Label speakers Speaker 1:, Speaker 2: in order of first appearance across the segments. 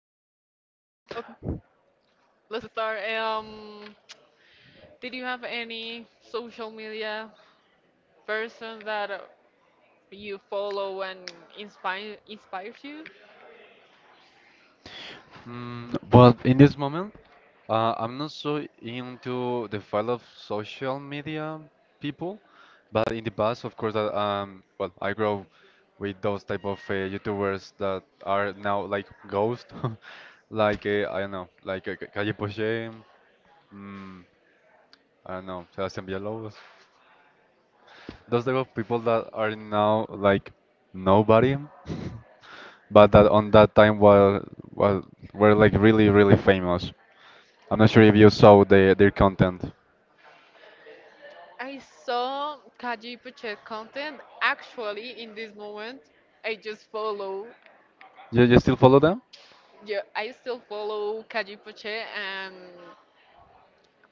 Speaker 1: Okay, let's start. Did you have any social media person that you follow and inspires you?
Speaker 2: Well, in this moment, I'm not so into the file of social media people, but in the past, of course, that well, I grow with those type of YouTubers that are now like ghost, like I don't know, like uh, Calle Poche, mm, I don't know, Sebastián Villalobos, those type of people that are now like nobody, but that on that time were well, were like really really famous. I'm not sure if you saw their content.
Speaker 1: I saw Kaji Puchet content. Actually, in this moment, I just follow.
Speaker 2: You still follow them?
Speaker 1: Yeah, I still follow Kaji Puchet and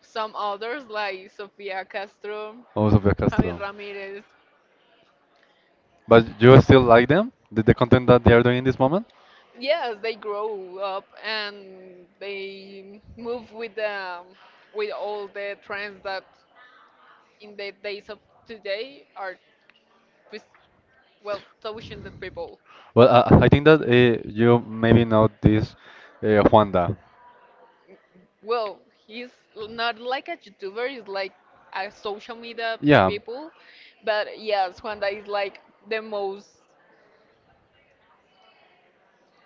Speaker 1: some others like Sofia Castro,
Speaker 2: Oh, Sofia
Speaker 1: Javier
Speaker 2: Castro.
Speaker 1: Ramirez.
Speaker 2: But you still like them? The content that they are doing in this moment?
Speaker 1: Yes, they grow up and they move with all the trends that in the days of today are just, well, touching the people.
Speaker 2: Well, I think that you maybe know this Juanda.
Speaker 1: Well, he's not like a YouTuber; he's like a social media
Speaker 2: Yeah,
Speaker 1: people. But yes, Juanda is like the most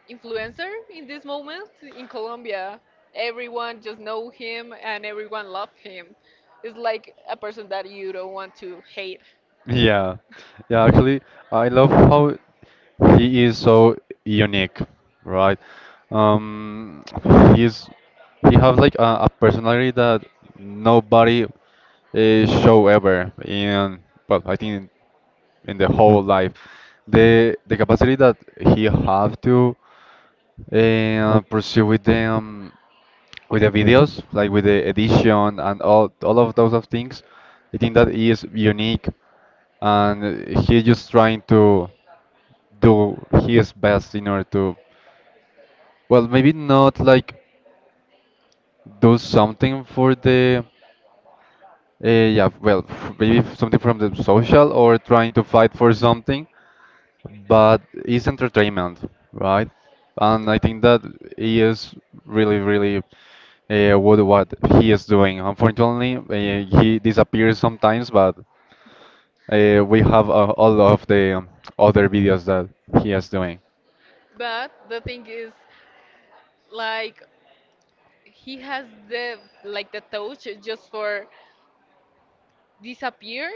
Speaker 1: influencer in this moment in Colombia. Everyone just know him and everyone love him. It's like a person that you don't want to hate.
Speaker 2: yeah, yeah, actually, I love how he is so unique, right? Um, he's he have like a personality that nobody show ever in well, I think in the whole life. The capacity that he have to pursue with them with the videos, like with the edition and all of those of things. I think that he is unique, and he's just trying to do his best in order to, well, maybe not like do something for yeah, well, maybe something from the social or trying to fight for something, but it's entertainment, right? And I
Speaker 1: Yeah.
Speaker 2: think that he is really, really what he is doing. Unfortunately, he disappears sometimes, but we have all of the other videos that he is doing.
Speaker 1: But the thing is, like, he has the touch just for disappear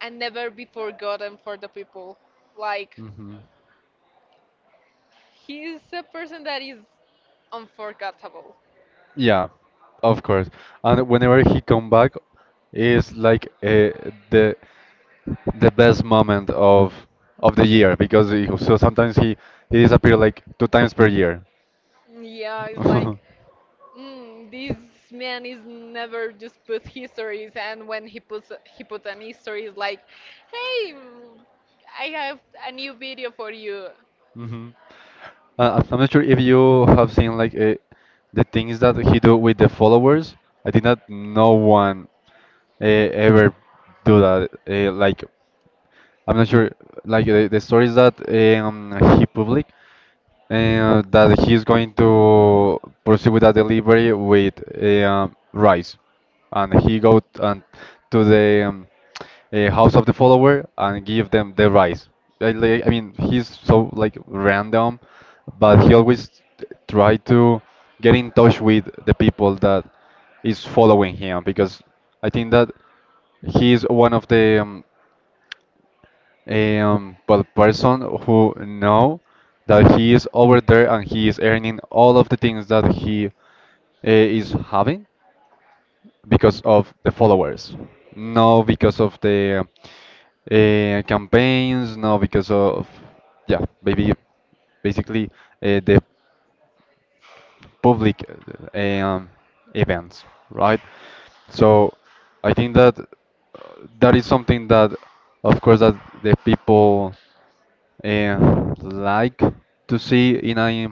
Speaker 1: and never be forgotten for the people. Like,
Speaker 2: Mhm.
Speaker 1: he's a person that is unforgettable.
Speaker 2: Yeah, of course. And whenever he come back, is like the the best moment of the year because so sometimes he disappear like two times per year.
Speaker 1: Yeah, it's like, This man is never just put histories, and when he puts, he puts an history, it's like, hey, I have a new video for you.
Speaker 2: Hmm. I'm not sure if you have seen like the things that he do with the followers. I think that no one ever do that. Like I'm not sure like the stories that he public. And that he's going to proceed with that delivery with rice. And he go t- and to the house of the follower and give them the rice. I mean, he's so like random, but he always try to get in touch with the people that is following him because I think that he is one of the but person who know that he is over there and he is earning all of the things that he is having because of the followers, no because of the campaigns, no because of yeah, maybe basically the public uh, um, events, right? So I think that that is something that, of course, that the people like to see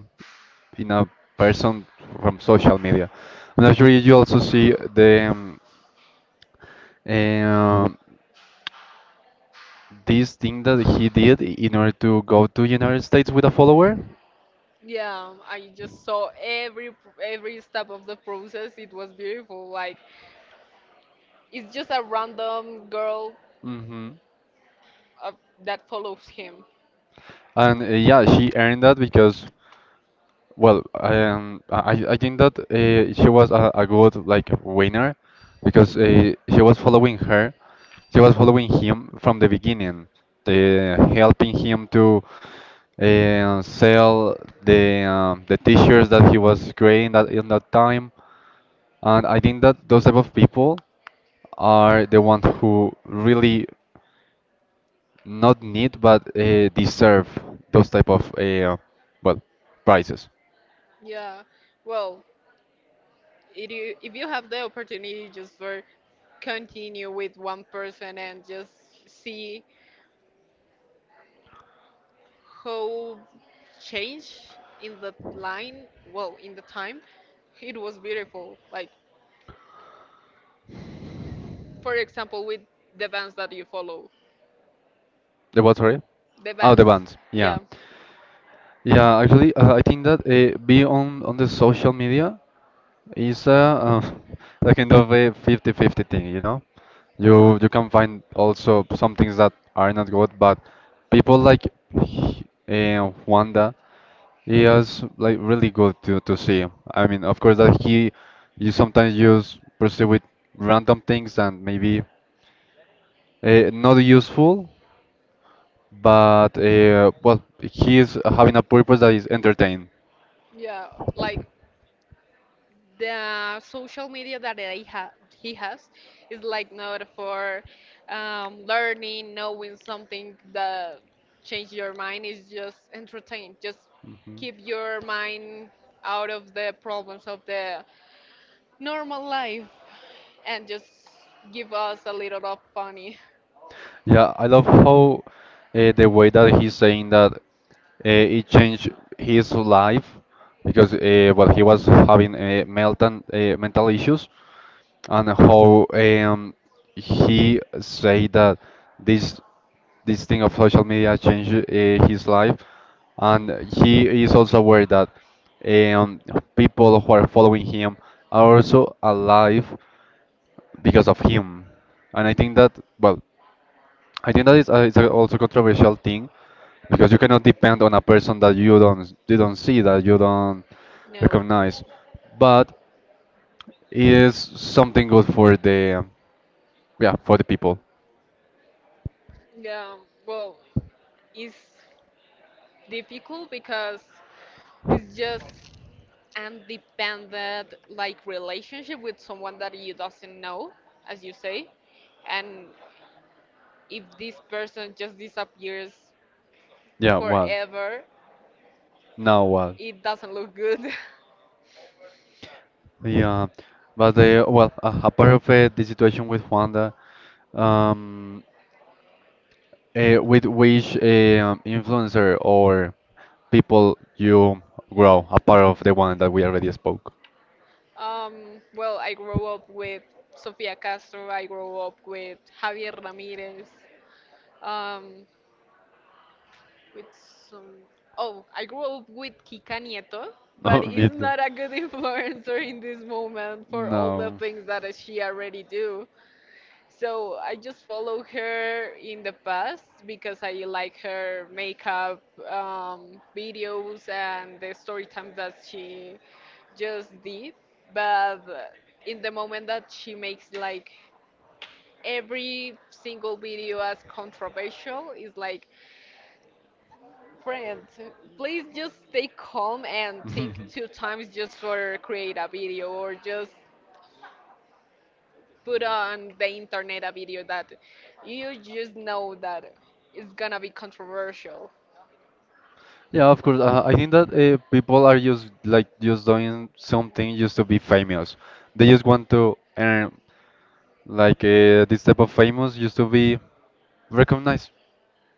Speaker 2: in a person from social media. I'm not sure if you also see the uh, this thing that he did in order to go to United States with a follower.
Speaker 1: Yeah, I just saw every step of the process. It was beautiful. Like, it's just a random girl
Speaker 2: Hmm.
Speaker 1: uh, that follows him.
Speaker 2: And yeah, she earned that because well, I think that she was a good like winner because she was following her, she was following him from the beginning, the helping him to sell the t-shirts that he was creating that in that time, and I think that those type of people are the ones who really not need but deserve those type of well prizes.
Speaker 1: Yeah. Well, if you have the opportunity, just for continue with one person and just see how change in the line, well, in the time, it was beautiful, like for example with the bands that you follow,
Speaker 2: The what, sorry?
Speaker 1: the
Speaker 2: Oh, the
Speaker 1: bands,
Speaker 2: bands. Yeah.
Speaker 1: yeah,
Speaker 2: Yeah, actually, I think that being on the social media is a a kind of a 50-50 thing, you know? You can find also some things that are not good, but people like Wanda is like really good to see. I mean, of course that he you sometimes use pursue with random things and maybe not useful, but well, he is having a purpose that is entertaining.
Speaker 1: yeah, like the social media that he has is like not for learning, knowing something that change your mind, is just entertain, just keep your mind out of the problems of the normal life, and just give us a little of funny.
Speaker 2: Yeah, I love how the way that he's saying that it changed his life because well he was having uh, mental issues and how he say that this this thing of social media changed his life and he is also aware that um, people who are following him are also alive because of him and I think that well I think that is it's a also controversial thing because you cannot depend on a person that you don't see that you don't
Speaker 1: No.
Speaker 2: recognize, but it is something good for the yeah for the people.
Speaker 1: Yeah, well, it's difficult because it's just an dependent like relationship with someone that you doesn't know, as you say. And if this person just disappears
Speaker 2: Yeah, well,
Speaker 1: forever,
Speaker 2: now what?
Speaker 1: it doesn't look good.
Speaker 2: Yeah, but well, apart of the situation with Juanda, um, with which influencer or people you grow apart of the one that we already spoke?
Speaker 1: Well, I grew up with Sofia Castro. I grew up with Javier Ramirez. Um, with some. Oh, I grew up with Kika Nieto, but
Speaker 2: Oh,
Speaker 1: is
Speaker 2: me too.
Speaker 1: not a good influencer in this moment for all the
Speaker 2: No.
Speaker 1: things that she already do. So I just follow her in the past because I like her makeup videos and the story times that she just did. But in the moment that she makes like every single video as controversial, is like, Friend, please just stay calm and think two times just for create a video or just put on the internet a video that you just know that it's gonna be controversial.
Speaker 2: Yeah, of course. I think that people are just like just doing something just to be famous. They just want to earn like this type of famous just to be recognized.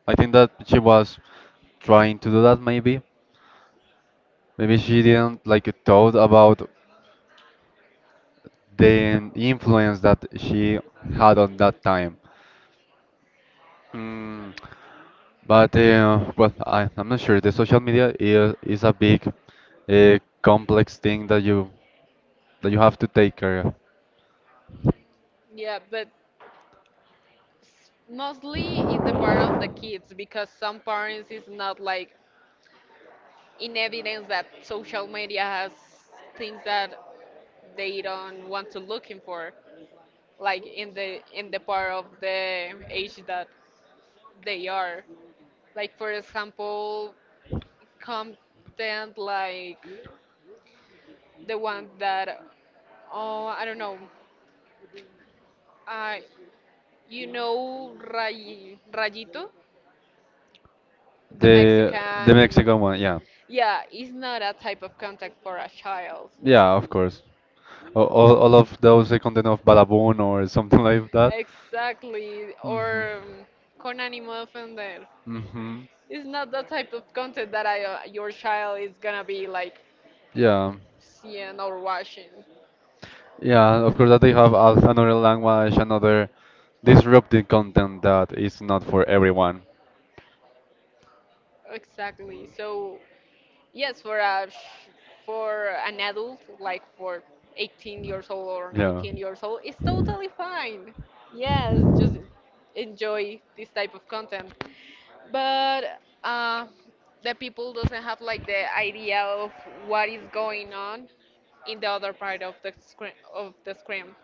Speaker 2: I think that she was trying to do that maybe. Maybe she didn't like thought about the influence that she had on that time. Mm, but well, I'm not sure. The social media is a big, complex thing that you have to take care of.
Speaker 1: Yeah, but mostly in the part of the kids because some parents is not like in evidence that social media has things that they don't want to looking for, like in the part of the age that they are. Like, for example, content like the one that, oh, I don't know, uh, Rayito, the
Speaker 2: The the
Speaker 1: Mexican.
Speaker 2: Mexican one, yeah,
Speaker 1: Yeah, it's not a type of contact for a child.
Speaker 2: yeah, of course. All of those content of Balaboon or something like that.
Speaker 1: Exactly.
Speaker 2: Hmm.
Speaker 1: Or con ánimo de ofender.
Speaker 2: Hmm.
Speaker 1: It's not the type of content that your child is gonna be like
Speaker 2: Yeah.
Speaker 1: seeing or watching.
Speaker 2: Yeah, of course that they have another language, another disruptive content that is not for everyone.
Speaker 1: Exactly. So, yes, for for an adult, like for 18 years old or
Speaker 2: Yeah.
Speaker 1: 19 years old, it's totally fine. Yes, just enjoy this type of content. But the people doesn't have like the idea of what is going on in the other part of the screen.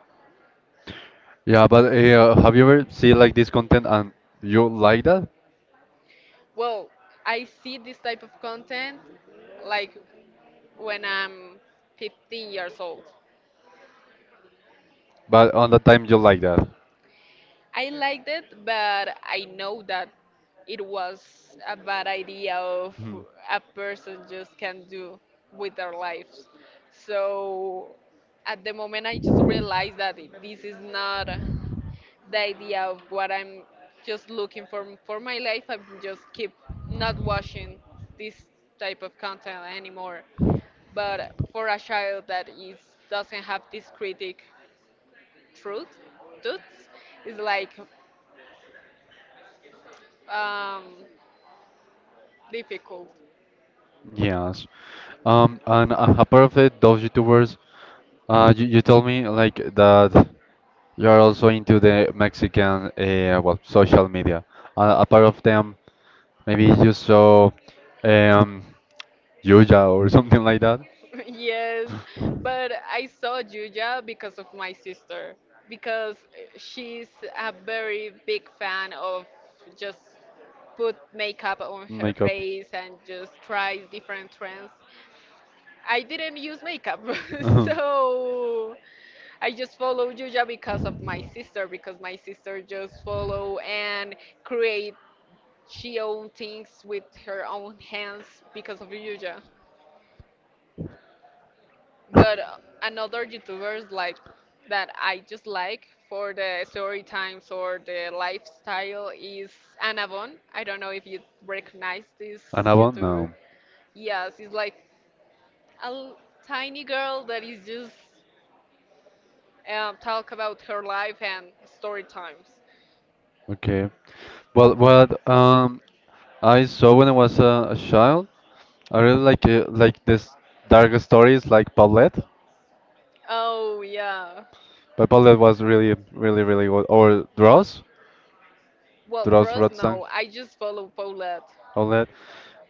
Speaker 2: Yeah, but have you ever seen like this content and you like that,
Speaker 1: Well, I see this type of content like when I'm 15 years old.
Speaker 2: but on the time you like that?
Speaker 1: I liked it, but I know that it was a bad idea of
Speaker 2: Hmm.
Speaker 1: a person just can do with their lives. So at the moment, I just realized that this is not the idea of what I'm just looking for my life. I'm just keep not watching this type of content anymore. But for a child that is doesn't have this critic truth, truths, it's like um, difficult.
Speaker 2: Yes. And apart of it, those YouTubers, uh, you told me like that you are also into the Mexican, well, social media. Apart of them, maybe you saw um Yuya or something like that.
Speaker 1: Yes, but I saw Juja because of my sister, because she's a very big fan of just put makeup on her
Speaker 2: Makeup.
Speaker 1: face and just tries different trends. I didn't use makeup,
Speaker 2: Uh-huh.
Speaker 1: so I just follow Juja because of my sister, because my sister just follow and create she own things with her own hands because of Yuja. But another YouTubers like that I just like for the story times or the lifestyle is Anabon. I don't know if you recognize this
Speaker 2: Annabelle?
Speaker 1: YouTuber.
Speaker 2: No.
Speaker 1: Yes, it's like a tiny girl that is just talk about her life and story times.
Speaker 2: Okay. Well, what I saw when I was a child I really like this dark stories like Paulette,
Speaker 1: Oh yeah.
Speaker 2: but Paulette was really really really good. Or Dross,
Speaker 1: Well,
Speaker 2: Dross
Speaker 1: Dross,
Speaker 2: Rotsang,
Speaker 1: no. I just follow Paulette.
Speaker 2: Paulette.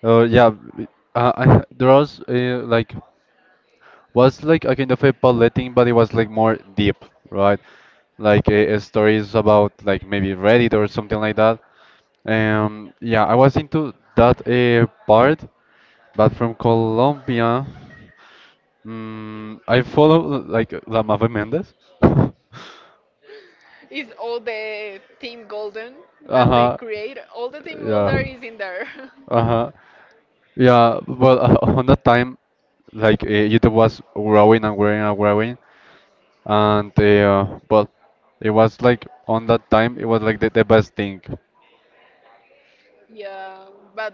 Speaker 2: Oh yeah, Dross like was like a kind of a Paulette thing, but it was like more deep, right? Like stories about like maybe Reddit or something like that. Yeah, I was into that part, but from Colombia. Mm, I follow like La Mavi Mendes.
Speaker 1: Is all the Team Golden that they
Speaker 2: Uh-huh.
Speaker 1: create? All the Team
Speaker 2: Yeah.
Speaker 1: Golden is in there.
Speaker 2: Uh-huh. Yeah. Well, on that time, like YouTube was growing and growing and growing, and well, it was like on that time, it was like the best thing.
Speaker 1: Yeah, but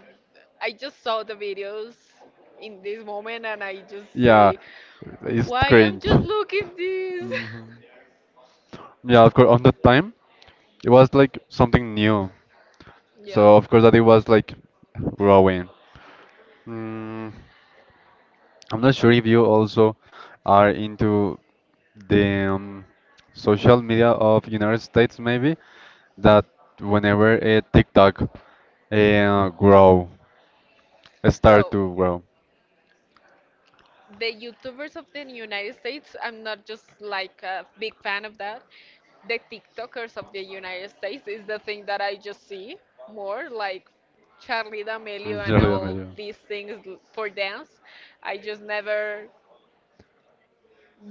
Speaker 1: I just saw the videos in this moment and I just
Speaker 2: Yeah.
Speaker 1: say,
Speaker 2: It's
Speaker 1: why I'm
Speaker 2: cringe.
Speaker 1: just looking this?
Speaker 2: Mhm. Yeah, of course, on that time, it was like something new.
Speaker 1: Yeah.
Speaker 2: So, of course, that it was like growing. Mm. I'm not sure if you also are into the social media of United States, maybe that whenever TikTok uh, grow, start
Speaker 1: Well,
Speaker 2: to grow.
Speaker 1: the YouTubers of the United States, I'm not just like a big fan of that. The TikTokers of the United States is the thing that I just see more, like Charlie
Speaker 2: In
Speaker 1: D'Amelio and
Speaker 2: Florida,
Speaker 1: all
Speaker 2: maybe.
Speaker 1: these things for dance. I just never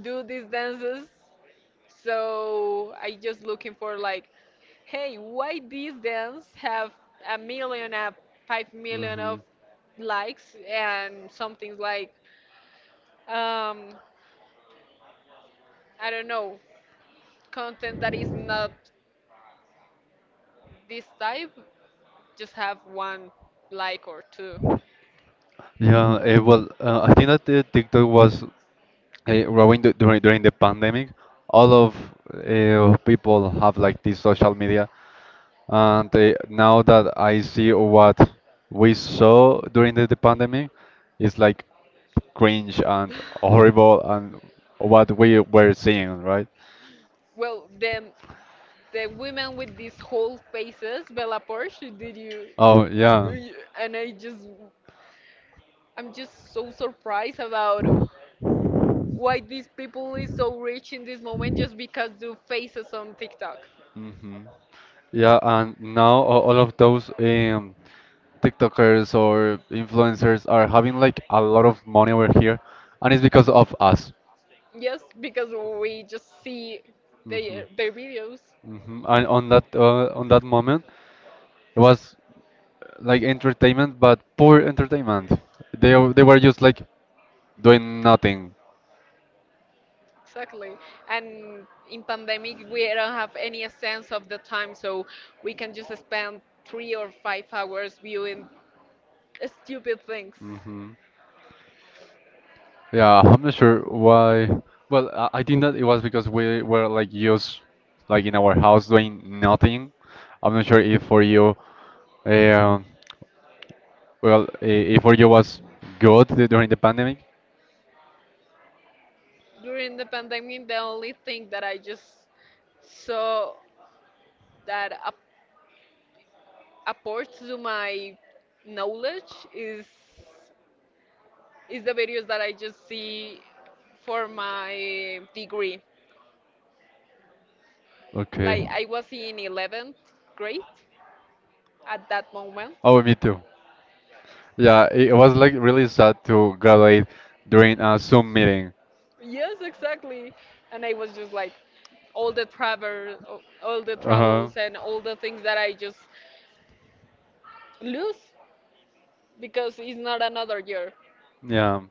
Speaker 1: do these dances. So I just looking for, like, hey, why these dance have a 5 million of
Speaker 2: Mhm.
Speaker 1: likes, and something like, um, I don't know, content that is not this type, just have one like or two.
Speaker 2: Yeah, well, I think that TikTok was growing during the pandemic. All of people have like this social media, and now that I see what we saw during the pandemic, it's like cringe and horrible, and what we were seeing, right?
Speaker 1: Well, then the women with these whole faces, Bella Porsche, did you?
Speaker 2: Oh yeah.
Speaker 1: And I'm just so surprised about why these people is so rich in this moment just because do faces on TikTok.
Speaker 2: Hmm. Yeah, and now all of those TikTokers or influencers are having like a lot of money over here, and it's because of us.
Speaker 1: Yes, because we just see
Speaker 2: Hmm.
Speaker 1: their videos.
Speaker 2: Hmm. And on that moment, it was like entertainment, but poor entertainment. They were just like doing nothing.
Speaker 1: Exactly. And in pandemic we don't have any sense of the time, so we can just spend 3 or 5 hours viewing stupid things.
Speaker 2: Hmm. Yeah, I'm not sure why. Well, I think that it was because we were like used, like in our house doing nothing. I'm not sure if for you, um, well, if for you was good during the pandemic.
Speaker 1: During the pandemic the only thing that I just saw that apports to my knowledge is It's the videos that I just see for my degree.
Speaker 2: Okay.
Speaker 1: Like I was in 11th grade at that moment.
Speaker 2: Oh, me too. Yeah, it was like really sad to graduate during a Zoom meeting.
Speaker 1: Yes, exactly. And I was just like all the travel, all the
Speaker 2: Uh-huh.
Speaker 1: troubles and all the things that I just lose because it's not another year.
Speaker 2: Yeah.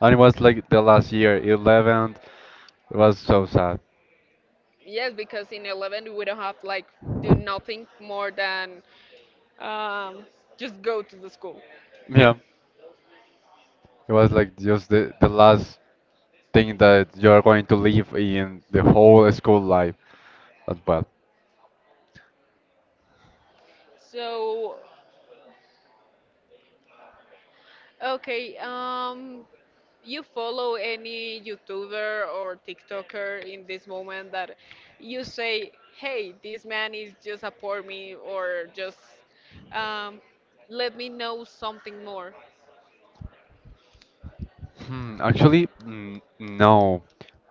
Speaker 2: And it was like the last year, 11th. It was so sad.
Speaker 1: Yes, because in 11 we don't have like do nothing more than um, just go to the school.
Speaker 2: Yeah. It was like just the last thing that you're going to live in the whole school life. But well.
Speaker 1: So okay, you follow any YouTuber or TikToker in this moment that you say, hey, this man is just a poor me, or just um, let me know something more?
Speaker 2: Hmm, actually, mm, no.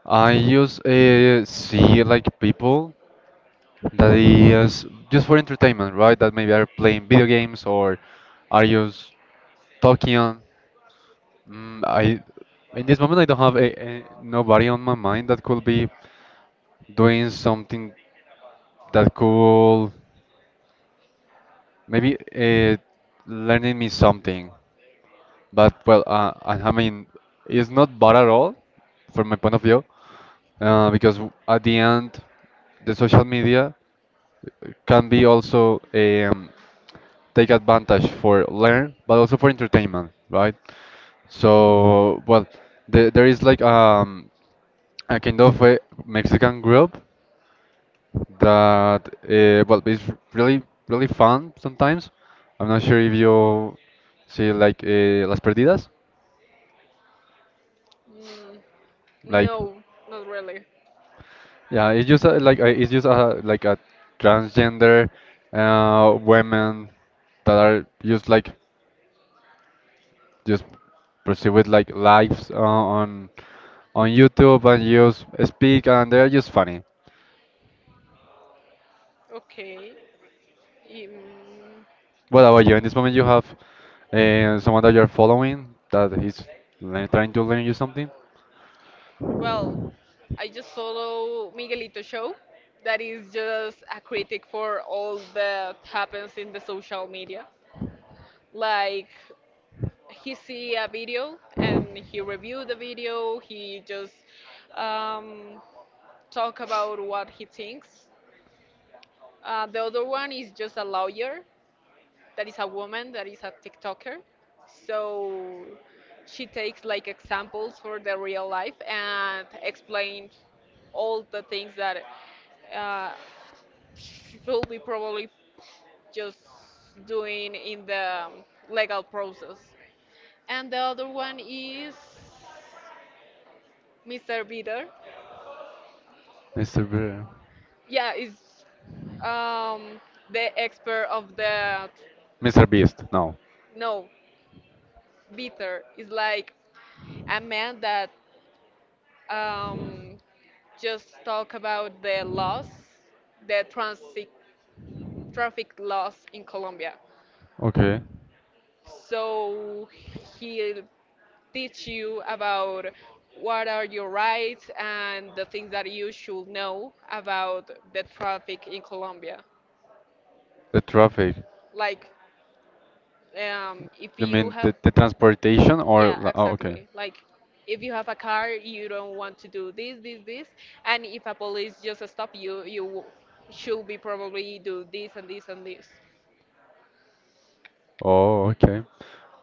Speaker 2: I use see like people that is just for entertainment, right? That maybe are playing video games or are just talking, Mm, I in this moment I don't have a nobody on my mind that could be doing something that could maybe learning me something. But well, uh, I mean, it's not bad at all from my point of view because at the end, the social media can be also take advantage for learn, but also for entertainment, right? So well, there is like. A Akindo fue Mexican group that well it's really really fun sometimes. I'm not sure if you see Las Perdidas,
Speaker 1: Mm,
Speaker 2: like
Speaker 1: no, not really.
Speaker 2: yeah, it's just a, like it's just a, like a transgender women that are just like just proceed with like lives on YouTube and just speak and they're just funny.
Speaker 1: Okay. Um,
Speaker 2: What about
Speaker 1: Let
Speaker 2: you? In
Speaker 1: me
Speaker 2: this moment,
Speaker 1: see.
Speaker 2: you have someone that you're following that is trying to learn you something.
Speaker 1: Well, I just follow Miguelito Show. That is just a critic for all that happens in the social media. Like, he see a video and he reviewed the video, he just um, talk about what he thinks. The other one is just a lawyer that is a woman that is a tiktoker, so she takes like examples for the real life and explained all the things that uh, should be probably just doing in the legal process. And the other one is Mr. Bitter.
Speaker 2: Mr. Bear.
Speaker 1: Yeah, is um, the expert of the.
Speaker 2: Mr. Beast, no.
Speaker 1: No, Bitter is like a man that um, just talk about the laws, the transit traffic laws in Colombia.
Speaker 2: Okay.
Speaker 1: So he'll teach you about what are your rights and the things that you should know about the traffic in Colombia.
Speaker 2: The traffic.
Speaker 1: Like, if
Speaker 2: You
Speaker 1: you
Speaker 2: mean
Speaker 1: have,
Speaker 2: the transportation or
Speaker 1: yeah,
Speaker 2: oh, okay.
Speaker 1: exactly. Like if you have a car, you don't want to do this, this, this, and if a police just stop you, you should be probably do this and this and this.
Speaker 2: Oh, okay.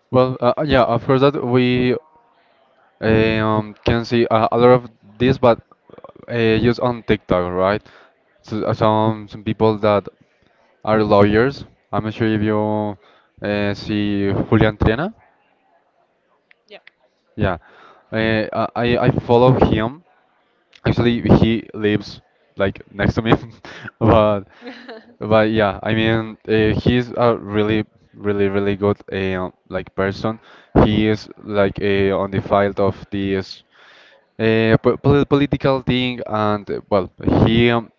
Speaker 2: Well, yeah, of course that we can see a lot of this, but used on TikTok, right? So, some people that are lawyers. I'm not sure if you see Julian Triana.
Speaker 1: Yeah.
Speaker 2: Yeah, I follow him. Actually, he lives like next to me, but but yeah, I mean, he's a really, really, really good like person. He is like on the field of this political thing, and well, he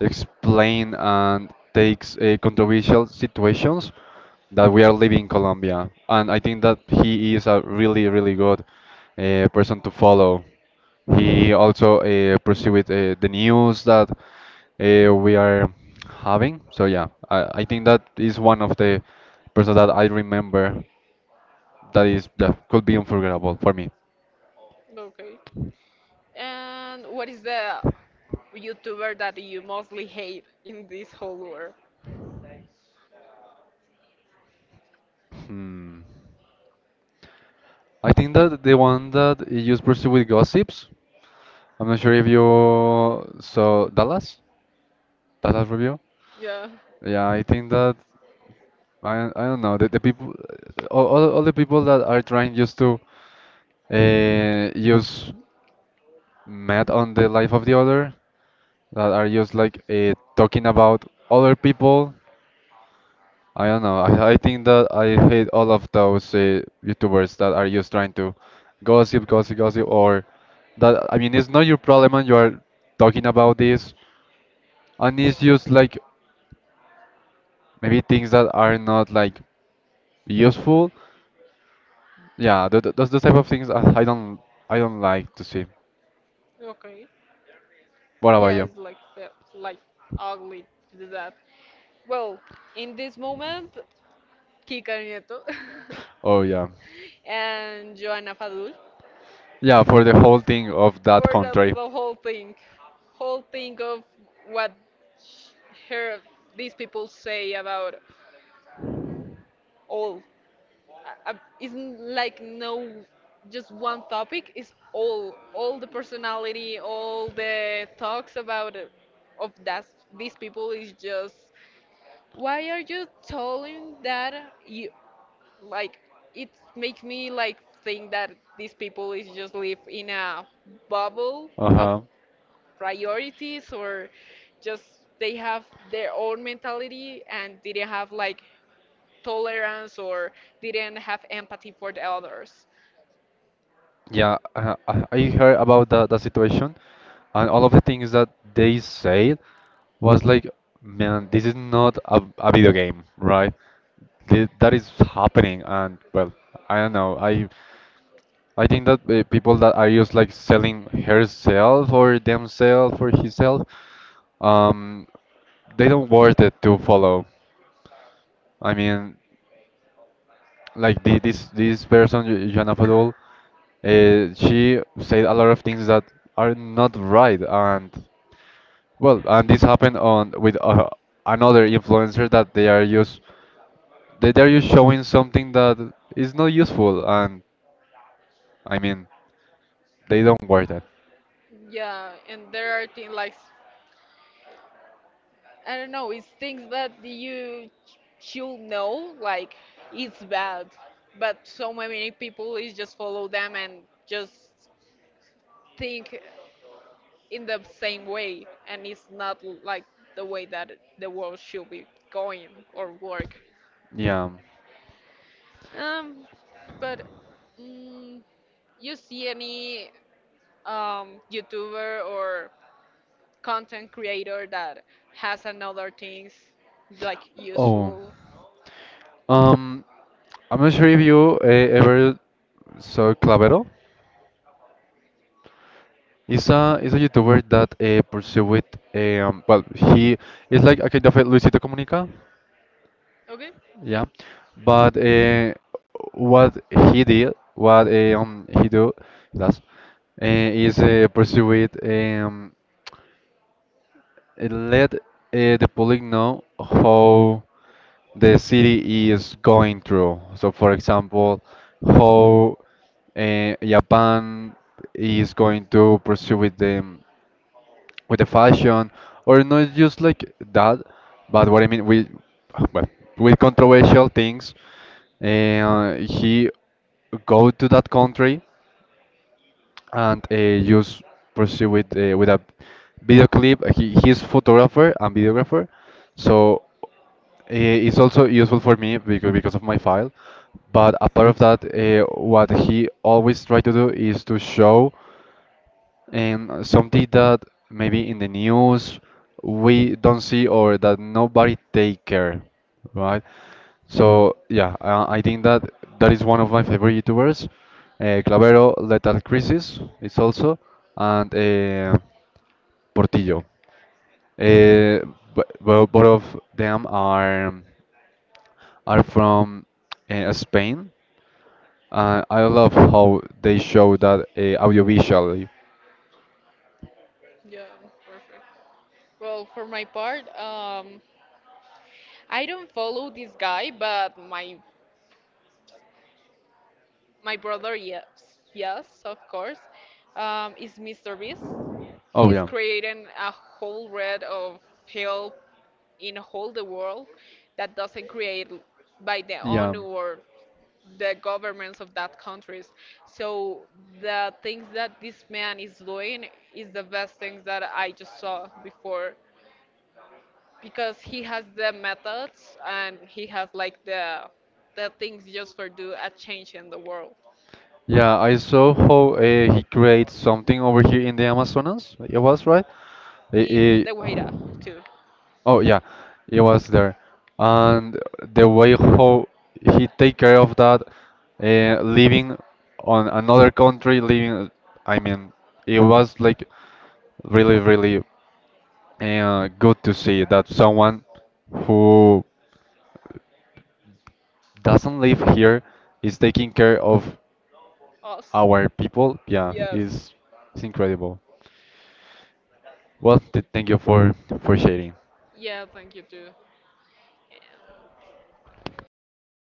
Speaker 2: explain and takes controversial situations that we are living in Colombia. And I think that he is a really, really good person to follow. He also pursued the news that we are having. So yeah, I think that is one of the persons that I remember that is that could be unforgettable for me.
Speaker 1: Okay. And what is the YouTuber that you mostly hate in this whole world?
Speaker 2: Hmm. I think that the one that you just pursue with gossips. I'm not sure if you saw Dallas, Dallas review.
Speaker 1: Yeah.
Speaker 2: Yeah, I think that I don't know the people, all the people that are trying just to use mad on the life of the other, that are just like talking about other people. I don't know. I think that I hate all of those YouTubers that are just trying to gossip, gossip, gossip, or that I mean it's not your problem and you are talking about this, and it's just like maybe things that are not like useful. Yeah, those type of things I don't, I don't like to see.
Speaker 1: Okay.
Speaker 2: What about
Speaker 1: Yeah,
Speaker 2: you?
Speaker 1: it's like like, ugly to do that. Well, in this moment, Kika Nieto
Speaker 2: Oh yeah,
Speaker 1: and Joana Fadul,
Speaker 2: yeah, for the whole thing of that
Speaker 1: for the,
Speaker 2: country.
Speaker 1: the whole thing, of what sh- her, these people say about all. Isn't like no just one topic. It's all the personality, all the talks about of that these people is just, why are you telling that you like it, make me like think that these people is just live in a bubble of
Speaker 2: Uh-huh.
Speaker 1: priorities, or just they have their own mentality and didn't have like tolerance or didn't have empathy for the others.
Speaker 2: Yeah, I heard about the situation, and all of the things that they said was like, man, this is not a video game, right? Th That is happening, and well, I don't know. I think that people that are just like selling herself or themselves or himself, um, they don't worth it to follow. I mean, like this person, Jana Fadul. She said a lot of things that are not right, and well, and this happened on with another influencer that they are just they are just showing something that is not useful, and I mean they don't wear that.
Speaker 1: Yeah, and there are things like, I don't know, it's things that you should know, like it's bad, but so many people is just follow them and just think in the same way, and it's not like the way that the world should be going or work.
Speaker 2: Yeah.
Speaker 1: Um, but, mm, you see any YouTuber or content creator that has another things like
Speaker 2: Oh,
Speaker 1: useful?
Speaker 2: um, I'm not sure if you ever saw Clavero. He's a YouTuber that pursue with um, well, he is like a kind of a Luisito Comunica.
Speaker 1: Okay, yeah,
Speaker 2: Yeah, but what he did, what he do, does, is pursue it um, and let the public know how the city is going through. So, for example, how Japan is going to pursue with the fashion or not just like that, but what I mean with well, with controversial things he go to that country and use pursue with a video clip. He, he's photographer and videographer, so it's also useful for me because of my file. But apart of that what he always try to do is to show and something that maybe in the news we don't see or that nobody take care, right? So yeah, I think that that is one of my favorite YouTubers. Clavero Lethal Crisis is also, and Portillo. Uh, but, well, both of them are from Spain. I love how they show that audiovisually.
Speaker 1: yeah, perfect. Well, for my part, I don't follow this guy, but my brother, yes, yes, of course, is Mr. Beast.
Speaker 2: Oh
Speaker 1: He's
Speaker 2: yeah.
Speaker 1: creating a whole red of help in whole the world that doesn't create by the
Speaker 2: Yeah.
Speaker 1: ONU or the governments of that countries. So the things that this man is doing is the best things that I just saw before because he has the methods and he has like the things just for do a change in the world.
Speaker 2: Yeah, I saw how he creates something over here in the Amazonas. It was right. It-
Speaker 1: In
Speaker 2: it-
Speaker 1: the Guaira too.
Speaker 2: oh yeah, it was there, and the way how he take care of that, living on another country, living. I mean, it was like really, really good to see that someone who doesn't live here is taking care of
Speaker 1: Us.
Speaker 2: our people. Yeah,
Speaker 1: Yes.
Speaker 2: is it's incredible. Well, thank you for sharing.
Speaker 1: Yeah, thank you too. Yeah, bye.